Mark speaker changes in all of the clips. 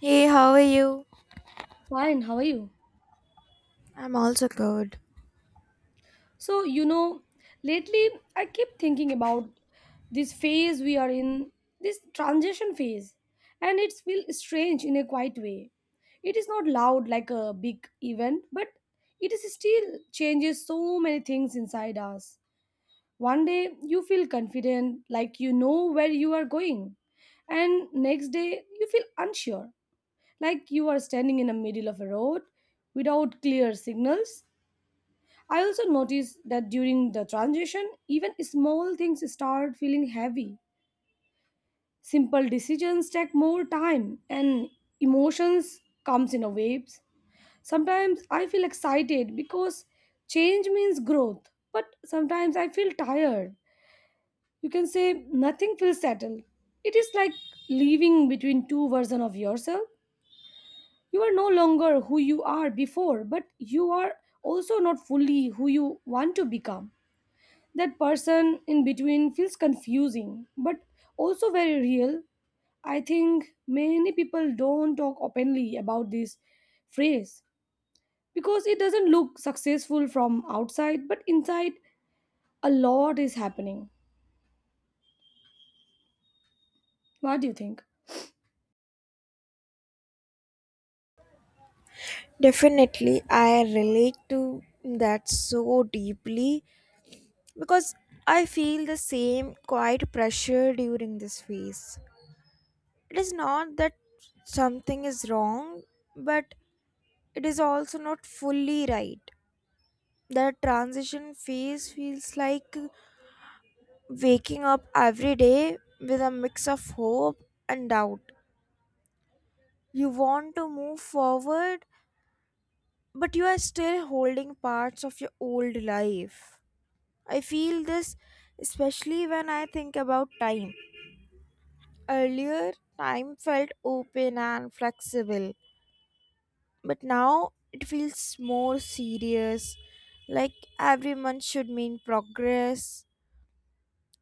Speaker 1: Hey, how are you?
Speaker 2: Fine, how are you?
Speaker 1: I'm also good.
Speaker 2: So, you know, lately I keep thinking about this phase we are in, this transition phase, and it feels strange in a quiet way. It is not loud like a big event, but it is still changes so many things inside us. One day you feel confident, like you know where you are going, and next day you feel unsure, like you are standing in the middle of a road without clear signals. I also noticed that during the transition, even small things start feeling heavy. Simple decisions take more time and emotions comes in a waves. Sometimes I feel excited because change means growth, but sometimes I feel tired. You can say nothing feels settled. It is like living between two versions of yourself. You are no longer who you are before, but you are also not fully who you want to become. That person in between feels confusing but also very real. I think many people don't talk openly about this phrase because it doesn't look successful from outside, but inside a lot is happening. What do you think?
Speaker 1: Definitely, I relate to that so deeply because I feel the same quiet pressure during this phase. It is not that something is wrong, but it is also not fully right. That transition phase feels like waking up every day with a mix of hope and doubt. You want to move forward, but you are still holding parts of your old life. I feel this especially when I think about time. Earlier, time felt open and flexible, but now it feels more serious, like every month should mean progress.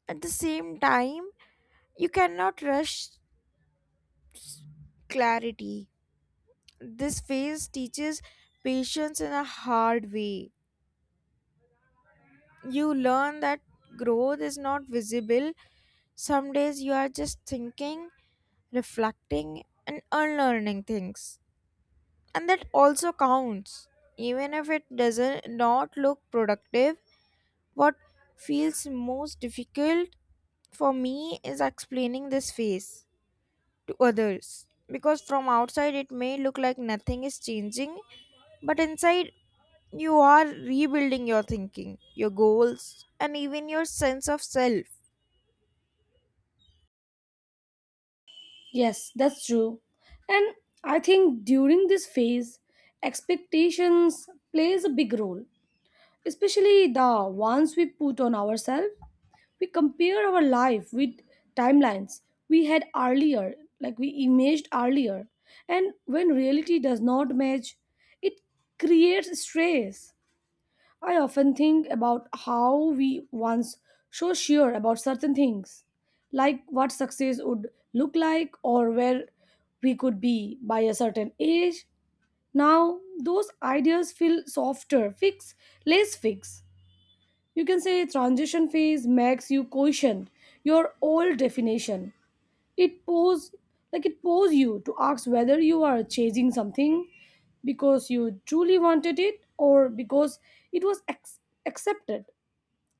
Speaker 1: At the same time, you cannot rush clarity. This phase teaches patience in a hard way. You learn that growth is not visible. Some days you are just thinking, reflecting, and unlearning things. And that also counts. Even if it doesn't not look productive, what feels most difficult for me is explaining this phase to others, because from outside it may look like nothing is changing, but inside you are rebuilding your thinking, your goals, and even your sense of self.
Speaker 2: Yes, that's true. And I think during this phase expectations plays a big role, especially the ones we put on ourselves. We compare our life with timelines we had earlier, like we imaged earlier, and when reality does not match it creates stress. I often think about how we once so sure about certain things, like what success would look like or where we could be by a certain age. Now those ideas feel softer fix, less fixed. You can say transition phase makes you question your old definition. It pose, like it pose you to ask whether you are chasing something because you truly wanted it or because it was ex- accepted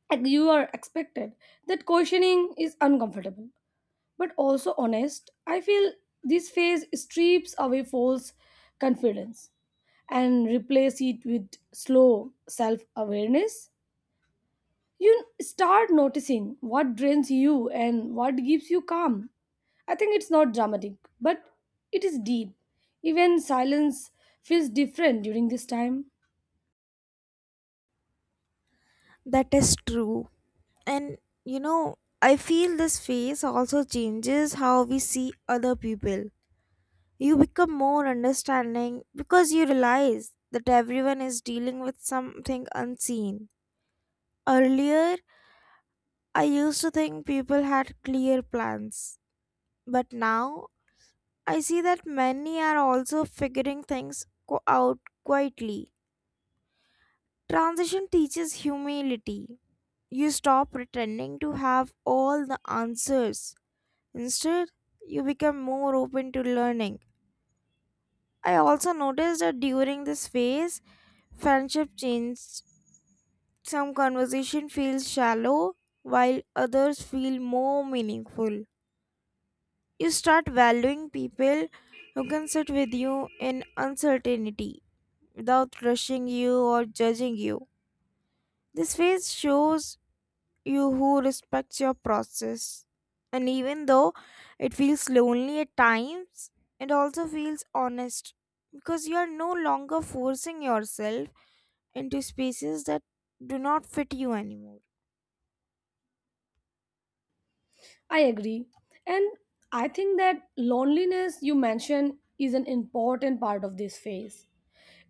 Speaker 2: and you are expected. That questioning is uncomfortable but also honest. I feel this phase strips away false confidence and replace it with slow self-awareness. You start noticing what drains you and what gives you calm. I think it's not dramatic, but it is deep. Even silence feels different during this time.
Speaker 1: That is true. And you know, I feel this phase also changes how we see other people. You become more understanding because you realize that everyone is dealing with something unseen. Earlier, I used to think people had clear plans, but now I see that many are also figuring things out quietly. Transition teaches humility. You stop pretending to have all the answers. Instead, you become more open to learning. I also noticed that during this phase, friendship changed. Some conversation feels shallow, while others feel more meaningful. You start valuing people who can sit with you in uncertainty without rushing you or judging you. This phase shows you who respects your process. And even though it feels lonely at times, it also feels honest because you are no longer forcing yourself into spaces that do not fit you anymore.
Speaker 2: I agree. And I think that loneliness you mentioned is an important part of this phase.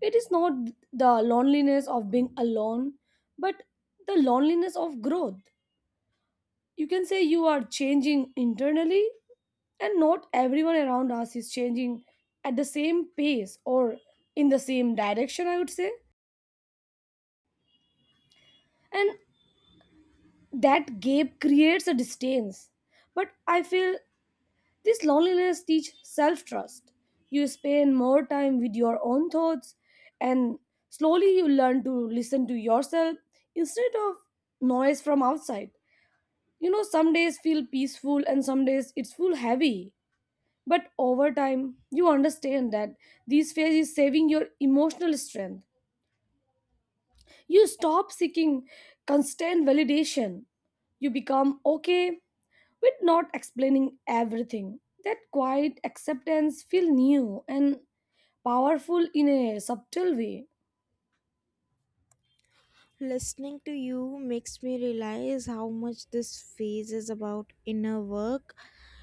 Speaker 2: It is not the loneliness of being alone, but the loneliness of growth. You can say you are changing internally and not everyone around us is changing at the same pace or in the same direction, I would say. And that gap creates a distance, but I feel this loneliness teach self trust. You spend more time with your own thoughts and slowly you learn to listen to yourself instead of noise from outside. Some days feel peaceful and some days it's full heavy. But over time, you understand that this phase is saving your emotional strength. You stop seeking constant validation. You become okay with not explaining everything. That quiet acceptance feels new and powerful in a subtle way.
Speaker 1: Listening to you makes me realize how much this phase is about inner work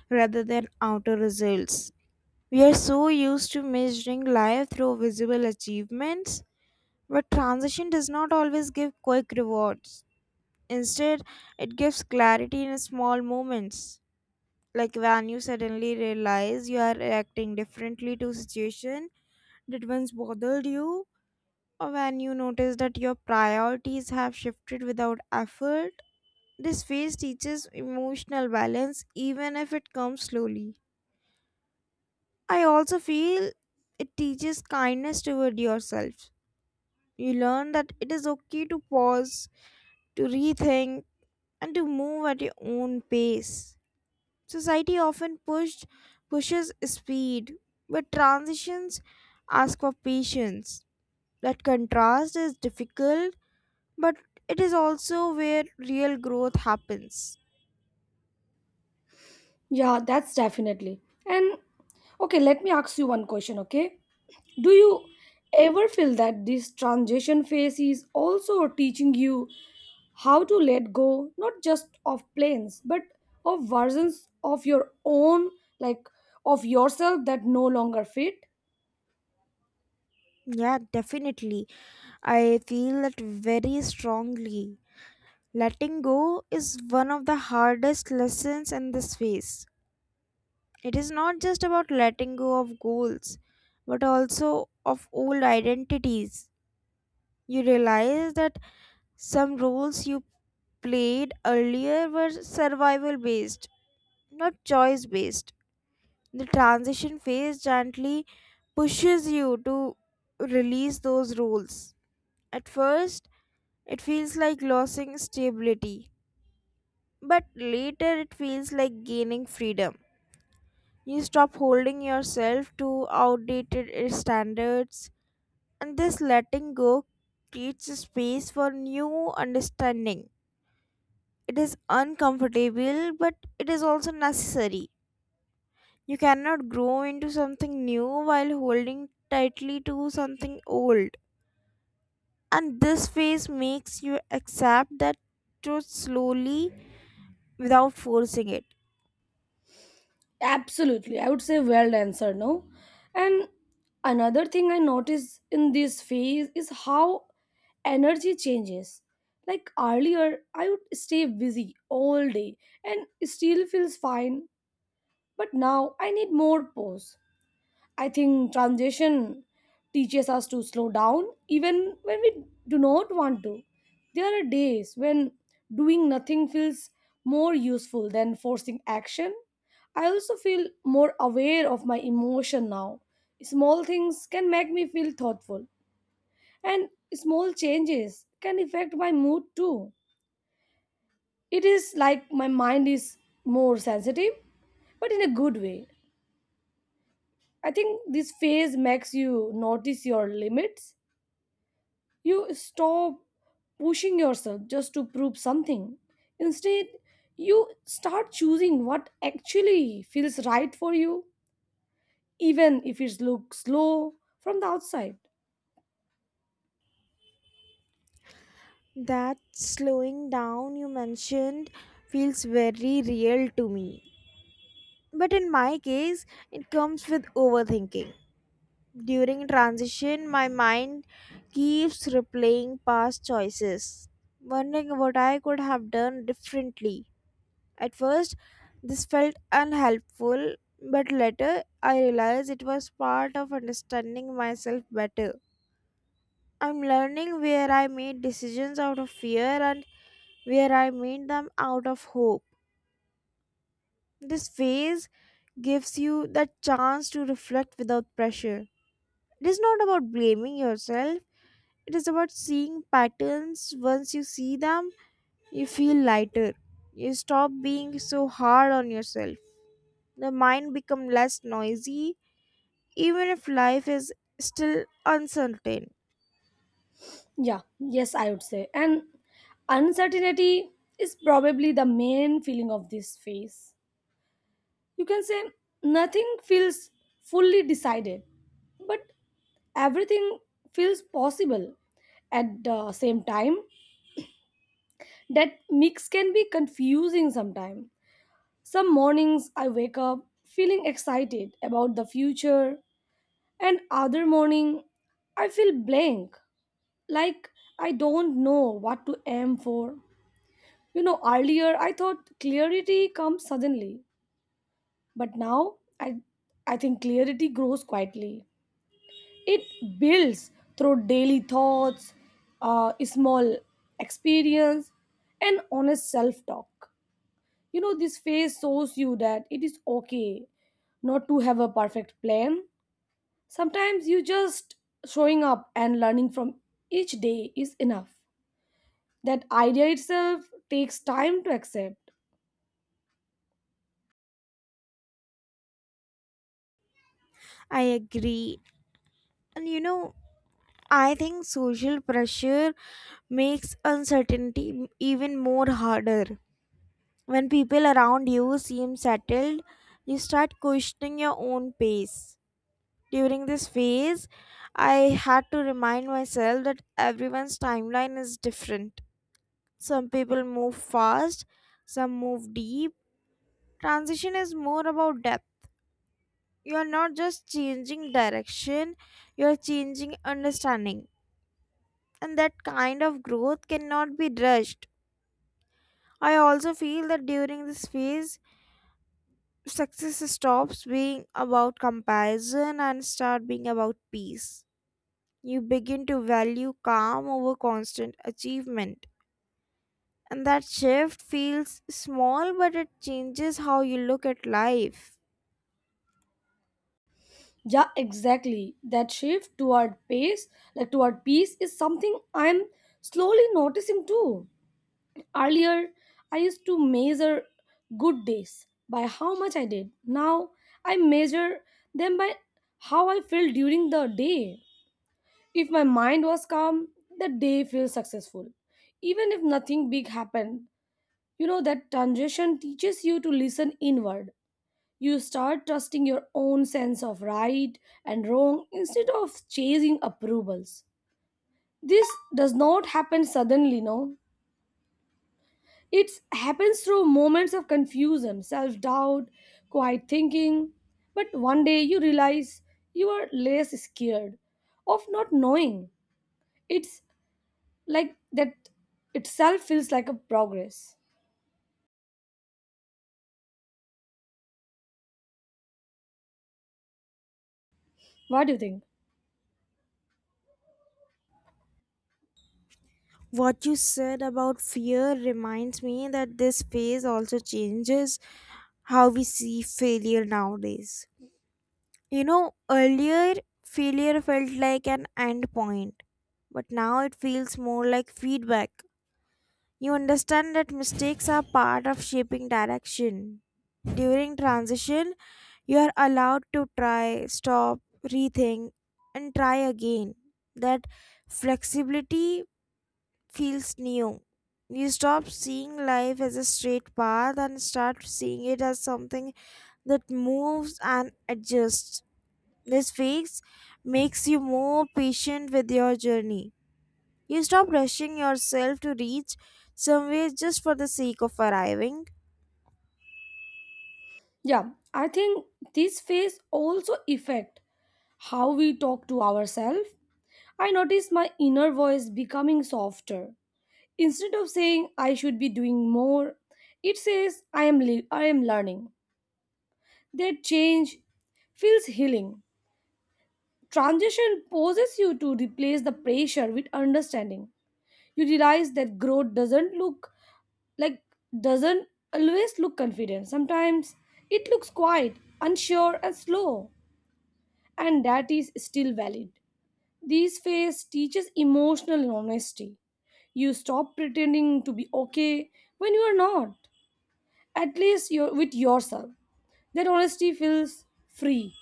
Speaker 1: rather than outer results. We are so used to measuring life through visible achievements, but transition does not always give quick rewards. Instead, it gives clarity in small moments, like when you suddenly realize you are reacting differently to situation that once bothered you, or when you notice that your priorities have shifted without effort. This phase teaches emotional balance even if it comes slowly. I also feel it teaches kindness toward yourself. You learn that it is okay to pause, to rethink, and to move at your own pace. Society often pushed pushes speed, but transitions ask for patience. That contrast is difficult, but it is also where real growth happens.
Speaker 2: Yeah, that's definitely. And okay, let me ask you one question, okay? Do you ever feel that this transition phase is also teaching you how to let go not just of plans but of versions of your own, like of yourself that no longer fit?
Speaker 1: Yeah, definitely. I feel that very strongly. Letting go is one of the hardest lessons in this phase. It is not just about letting go of goals, but also of old identities. You realize that some roles you played earlier were survival based, not choice based. The transition phase gently pushes you to release those roles. At first, it feels like losing stability, but later it feels like gaining freedom. You stop holding yourself to outdated standards, and this letting go creates a space for new understanding. It is uncomfortable, but it is also necessary. You cannot grow into something new while holding tightly to something old. And this phase makes you accept that truth slowly, without forcing it.
Speaker 2: Absolutely, I would say. Well answered, no. And another thing I notice in this phase is how energy changes, like earlier I would stay busy all day and still feels fine, but now I need more pause. I think transition teaches us to slow down even when we do not want to. There are days when doing nothing feels more useful than forcing action. I also feel more aware of my emotion now. Small things can make me feel thoughtful, and small changes can affect my mood too. It is like my mind is more sensitive, but in a good way. I think this phase makes you notice your limits. You stop pushing yourself just to prove something. Instead, you start choosing what actually feels right for you, even if it looks slow from the outside.
Speaker 1: That slowing down you mentioned feels very real to me. But in my case, it comes with overthinking. During transition, my mind keeps replaying past choices, wondering what I could have done differently. At first, this felt unhelpful, but later I realized it was part of understanding myself better. I'm learning where I made decisions out of fear and where I made them out of hope. This phase gives you the chance to reflect without pressure. It is not about blaming yourself. It is about seeing patterns. Once you see them, you feel lighter. You stop being so hard on yourself. The mind becomes less noisy, even if life is still uncertain.
Speaker 2: Yeah, yes, I would say. And uncertainty is probably the main feeling of this phase. You can say nothing feels fully decided, but everything feels possible at the same time. That mix can be confusing sometimes. Some mornings I wake up feeling excited about the future, and other morning I feel blank, like I don't know what to aim for. Earlier I thought clarity comes suddenly, but now I think clarity grows quietly. It builds through daily thoughts, small experience, and honest self-talk. This phase shows you that it is okay not to have a perfect plan. Sometimes you just showing up and learning from each day is enough. That idea itself takes time to accept.
Speaker 1: I agree. And you know, I think social pressure makes uncertainty even more harder. When people around you seem settled, you start questioning your own pace. During this phase, I had to remind myself that everyone's timeline is different. Some people move fast, some move deep. Transition is more about depth. You are not just changing direction, you are changing understanding. And that kind of growth cannot be rushed. I also feel that during this phase, success stops being about comparison and start being about peace. You begin to value calm over constant achievement. And that shift feels small, but it changes how you look at life.
Speaker 2: Yeah, exactly. That shift toward pace, like toward peace, is something I'm slowly noticing too. Earlier, I used to measure good days by how much I did. Now, I measure them by how I feel during the day. If my mind was calm, the day feels successful. Even if nothing big happened, that transition teaches you to listen inward. You start trusting your own sense of right and wrong instead of chasing approvals. This does not happen suddenly, no. It happens through moments of confusion, self doubt, quiet thinking. But one day you realize you are less scared of not knowing. It's like that itself feels like a progress. What do you think?
Speaker 1: What you said about fear reminds me that this phase also changes how we see failure nowadays. You know, earlier failure felt like an end point, but now it feels more like feedback. You understand that mistakes are part of shaping direction. During transition, you are allowed to try, stop, rethink, and try again. That flexibility feels new. You stop seeing life as a straight path and start seeing it as something that moves and adjusts. This phase makes you more patient with your journey. You stop rushing yourself to reach somewhere just for the sake of arriving.
Speaker 2: Yeah, I think this phase also affect how we talk to ourselves. I notice my inner voice becoming softer. Instead of saying I should be doing more, it says I am learning. That change feels healing. Transition poses you to replace the pressure with understanding. You realize that growth doesn't look like doesn't always look confident. Sometimes it looks quiet, unsure, and slow, and that is still valid. This phase teaches emotional honesty. You stop pretending to be okay when you are not. At least you're with yourself. That honesty feels free.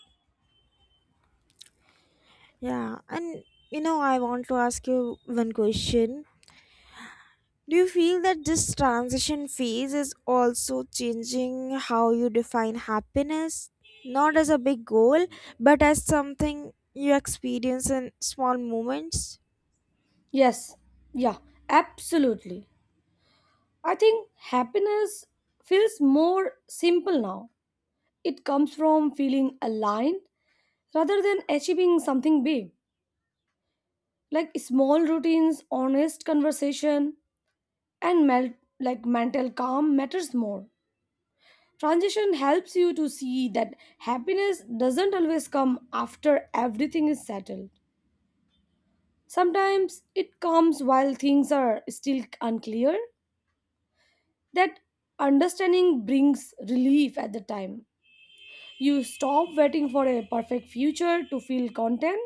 Speaker 1: Yeah, and you know, I want to ask you one question. Do you feel that this transition phase is also changing how you define happiness? Not as a big goal, but as something you experience in small moments?
Speaker 2: Yes, yeah, absolutely. I think happiness feels more simple now. It comes from feeling aligned rather than achieving something big, like small routines, honest conversation, and like mental calm matters more. Transition helps you to see that happiness doesn't always come after everything is settled. Sometimes it comes while things are still unclear. That understanding brings relief at the time. You stop waiting for a perfect future to feel content.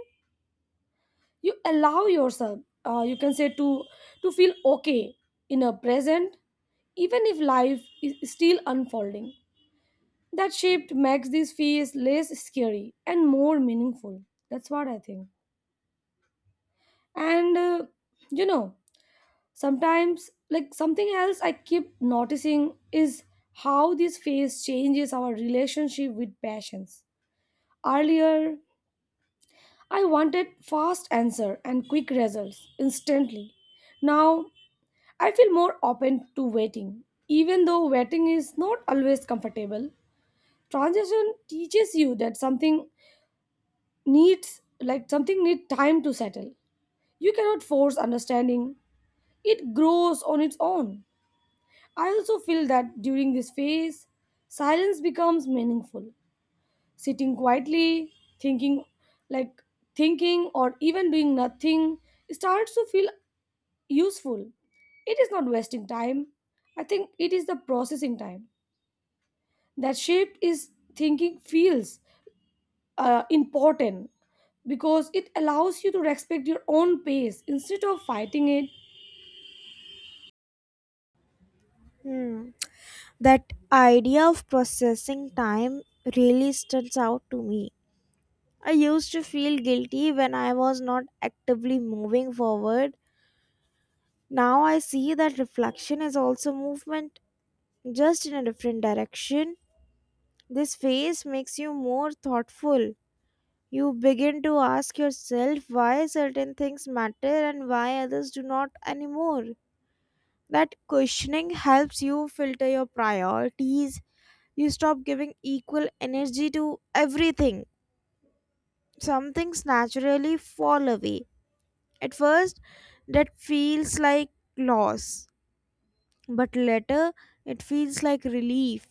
Speaker 2: You allow yourself, you can say to feel okay in a present, even if life is still unfolding. That shift makes this phase less scary and more meaningful. That's what I think. And you know sometimes, like, something else I keep noticing is how this phase changes our relationship with passions. Earlier, I wanted fast answer and quick results instantly. Now I feel more open to waiting. Even though waiting is not always comfortable, transition teaches you that something needs time to settle. You cannot force understanding. It grows on its own. I also feel that during this phase, silence becomes meaningful. Sitting quietly, thinking like thinking or even doing nothing starts to feel useful. It is not wasting time. I think it is the processing time that shape is thinking feels important, because it allows you to respect your own pace instead of fighting it.
Speaker 1: That idea of processing time really stands out to me. I used to feel guilty when I was not actively moving forward. Now I see that reflection is also movement, just in a different direction. This phase makes you more thoughtful. You begin to ask yourself why certain things matter and why others do not anymore. That questioning helps you filter your priorities. You stop giving equal energy to everything. Some things naturally fall away. At first, that feels like loss, but later, it feels like relief.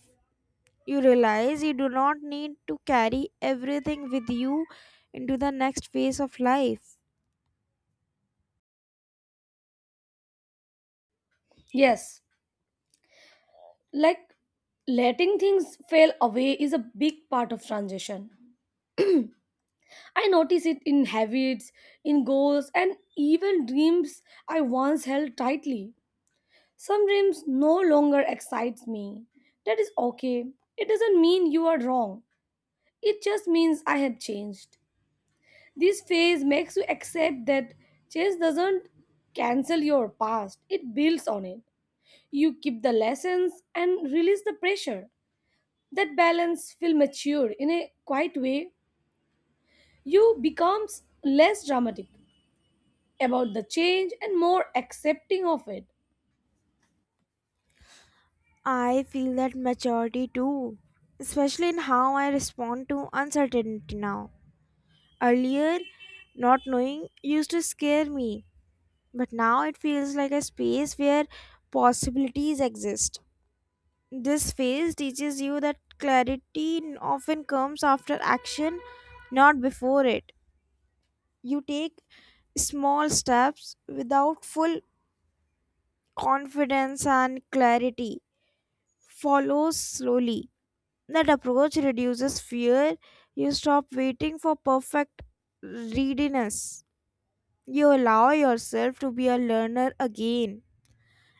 Speaker 1: You realize you do not need to carry everything with you into the next phase of life.
Speaker 2: Yes, like letting things fail away is a big part of transition. I notice it in habits, in goals and even dreams I once held tightly. Some dreams no longer excites me. That is okay. It doesn't mean you are wrong, it just means I have changed. This phase makes you accept that chess doesn't cancel your past, it builds on it. You keep the lessons and release the pressure. That balance feels mature in a quiet way. You becomes less dramatic about the change and more accepting of it.
Speaker 1: I feel that maturity too, especially in how I respond to uncertainty now. Earlier, not knowing used to scare me, but now it feels like a space where possibilities exist. This phase teaches you that clarity often comes after action, not before it. You take small steps without full confidence, and clarity follows slowly. That approach reduces fear. You stop waiting for perfect readiness. You allow yourself to be a learner again,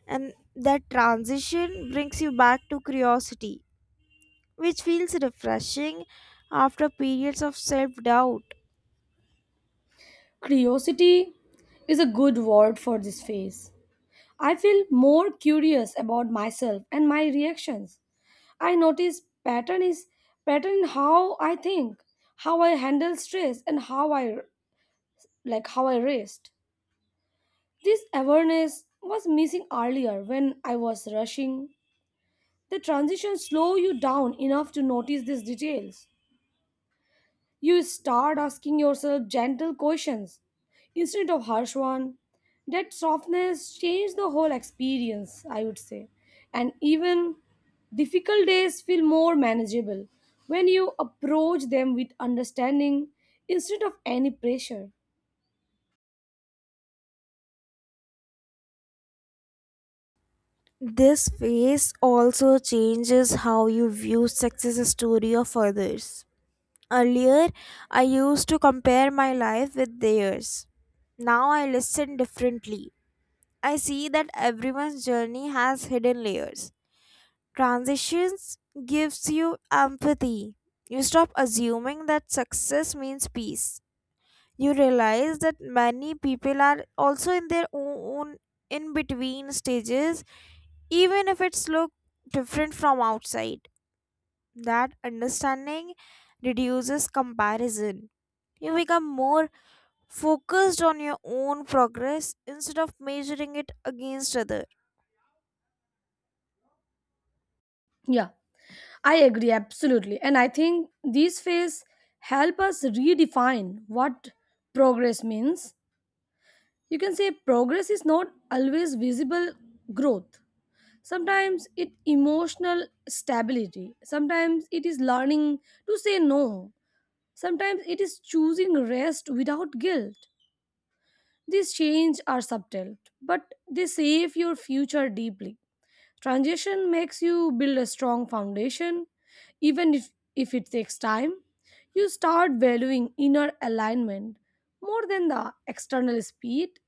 Speaker 1: and that transition brings you back to curiosity, which feels refreshing after periods of self doubt.
Speaker 2: Curiosity is a good word for this phase. I feel more curious about myself and my reactions. I notice pattern in how I think, how I handle stress, and how I rest. This awareness was missing earlier when I was rushing. The transition slow you down enough to notice these details. You start asking yourself gentle questions instead of harsh one. That softness changed the whole experience, I would say. And even difficult days feel more manageable when you approach them with understanding instead of any pressure.
Speaker 1: This phase also changes how you view success story of others. Earlier, I used to compare my life with theirs. Now I listen differently. I see that everyone's journey has hidden layers. Transitions gives you empathy. You stop assuming that success means peace. You realize that many people are also in their own in between stages, even if it's look different from outside. That understanding reduces comparison. You become more focused on your own progress instead of measuring it against other.
Speaker 2: Yeah, I agree absolutely. And I think these phases help us redefine what progress means. You can say progress is not always visible growth. Sometimes it emotional stability, sometimes it is learning to say no, sometimes it is choosing rest without guilt. These changes are subtle but they save your future deeply. Transition makes you build a strong foundation even if it takes time. You start valuing inner alignment more than the external speed.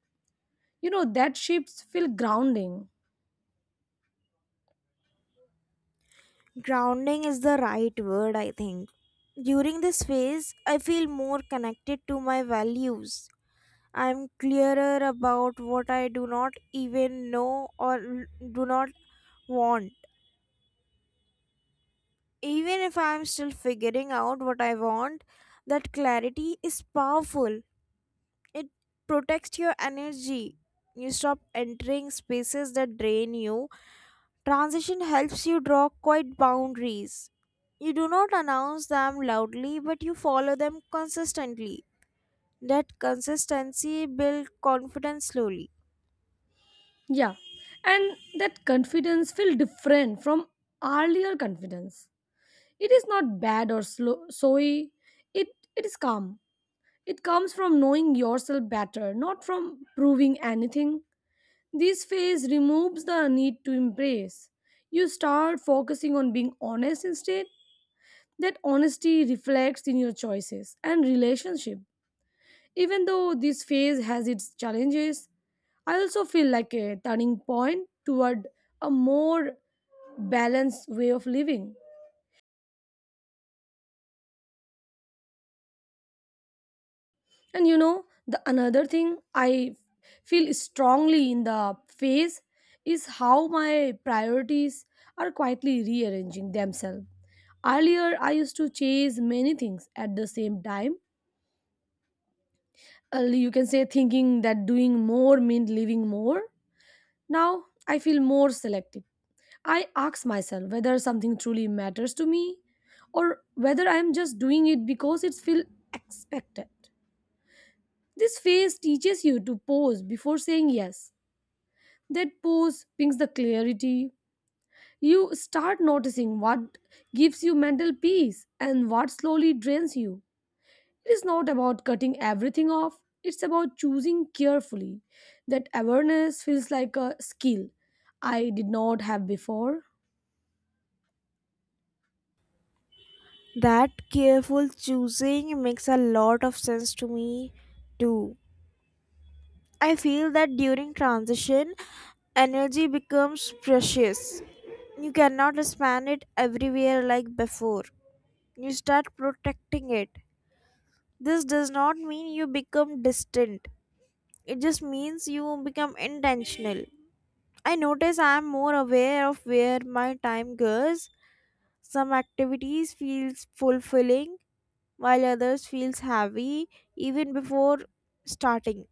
Speaker 2: You know that shifts feel grounding.
Speaker 1: Grounding is the right word, I think. During this phase, I feel more connected to my values. I'm clearer about what I do not even know or do not want. Even if I'm still figuring out what I want, that clarity is powerful. It protects your energy. You stop entering spaces that drain you. Transition helps you draw quiet boundaries. You do not announce them loudly, but you follow them consistently. That consistency builds confidence slowly.
Speaker 2: Yeah, and that confidence feel different from earlier confidence. It is not bad or slow, soy. It it is calm. It comes from knowing yourself better, not from proving anything. This phase removes the need to impress. You start focusing on being honest instead. That honesty reflects in your choices and relationship. Even though this phase has its challenges, I also feel like a turning point toward a more balanced way of living. And you know, the another thing I feel strongly in the phase is how my priorities are quietly rearranging themselves. Earlier, I used to chase many things at the same time. You can say thinking that doing more meant living more. Now, I feel more selective. I ask myself whether something truly matters to me or whether I am just doing it because it feels expected. This phase teaches you to pause before saying yes. That pause brings the clarity. You start noticing what gives you mental peace and what slowly drains you. It is not about cutting everything off, it's about choosing carefully. That awareness feels like a skill I did not have before.
Speaker 1: That careful choosing makes a lot of sense to me, too. I feel that during transition, energy becomes precious. You cannot spend it everywhere like before. You start protecting it. This does not mean you become distant, it just means you become intentional. I notice I'm more aware of where my time goes. Some activities feels fulfilling while others feels heavy even before starting.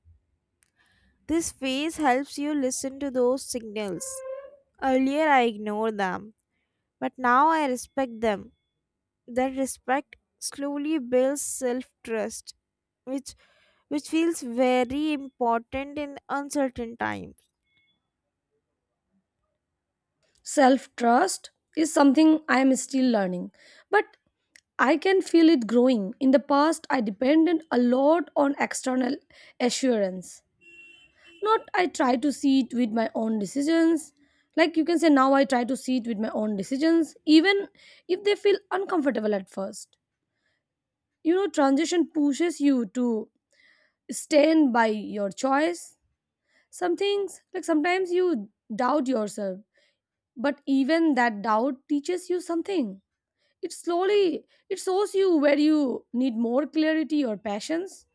Speaker 1: This phase helps you listen to those signals. Earlier I ignored them, but now I respect them. That respect slowly builds self-trust, which which feels very important in uncertain times.
Speaker 2: Self trust is something I am still learning, but I can feel it growing. In the past, I depended a lot on external assurance. Not I try to see it with my own decisions. Like you can say, now I try to see it with my own decisions, even if they feel uncomfortable at first. You know, transition pushes you to stand by your choice. Some things, like sometimes you doubt yourself, but even that doubt teaches you something. It slowly it shows you where you need more clarity or passions.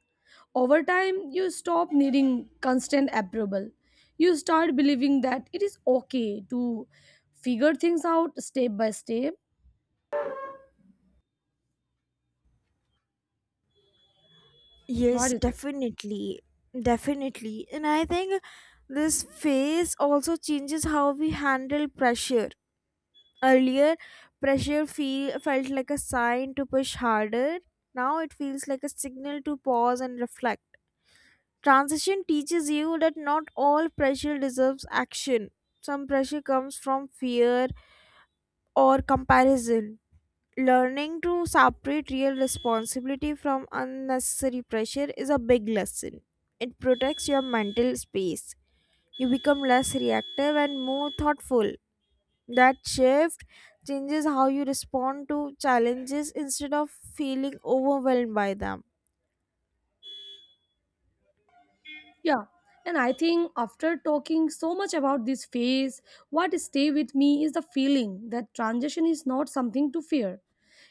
Speaker 2: Over time, you stop needing constant approval. You start believing that it is okay to figure things out step by step. What
Speaker 1: Yes,
Speaker 2: do you think?
Speaker 1: definitely. Definitely. And I think this phase also changes how we handle pressure. Earlier, pressure felt like a sign to push harder. Now it feels like a signal to pause and reflect. Transition teaches you that not all pressure deserves action. Some pressure comes from fear or comparison. Learning to separate real responsibility from unnecessary pressure is a big lesson. It protects your mental space. You become less reactive and more thoughtful. That shift changes how you respond to challenges instead of feeling overwhelmed by them.
Speaker 2: Yeah. And I think after talking so much about this phase, what stay with me is the feeling that transition is not something to fear.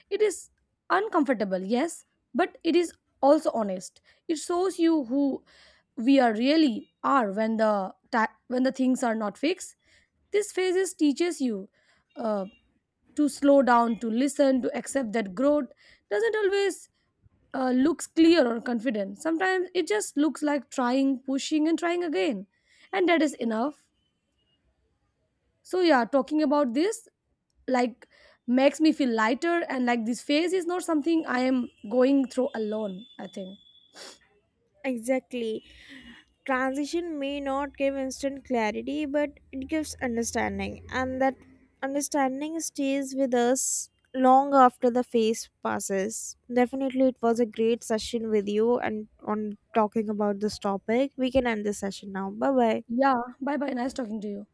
Speaker 2: It is uncomfortable, yes, but it is also honest. It shows you who we are really are when when the things are not fixed. This phases teaches you, uh, to slow down, to listen, to accept that growth doesn't always, looks clear or confident. Sometimes it just looks like trying, pushing, and trying again, and that is enough. So yeah, talking about this, like, makes me feel lighter and like this phase is not something I am going through alone, I think.
Speaker 1: Exactly. Transition may not give instant clarity, but it gives understanding, and that understanding stays with us long after the phase passes. Definitely, it was a great session with you and on talking about this topic. We can end this session now. Bye bye.
Speaker 2: Yeah, bye bye, nice talking to you.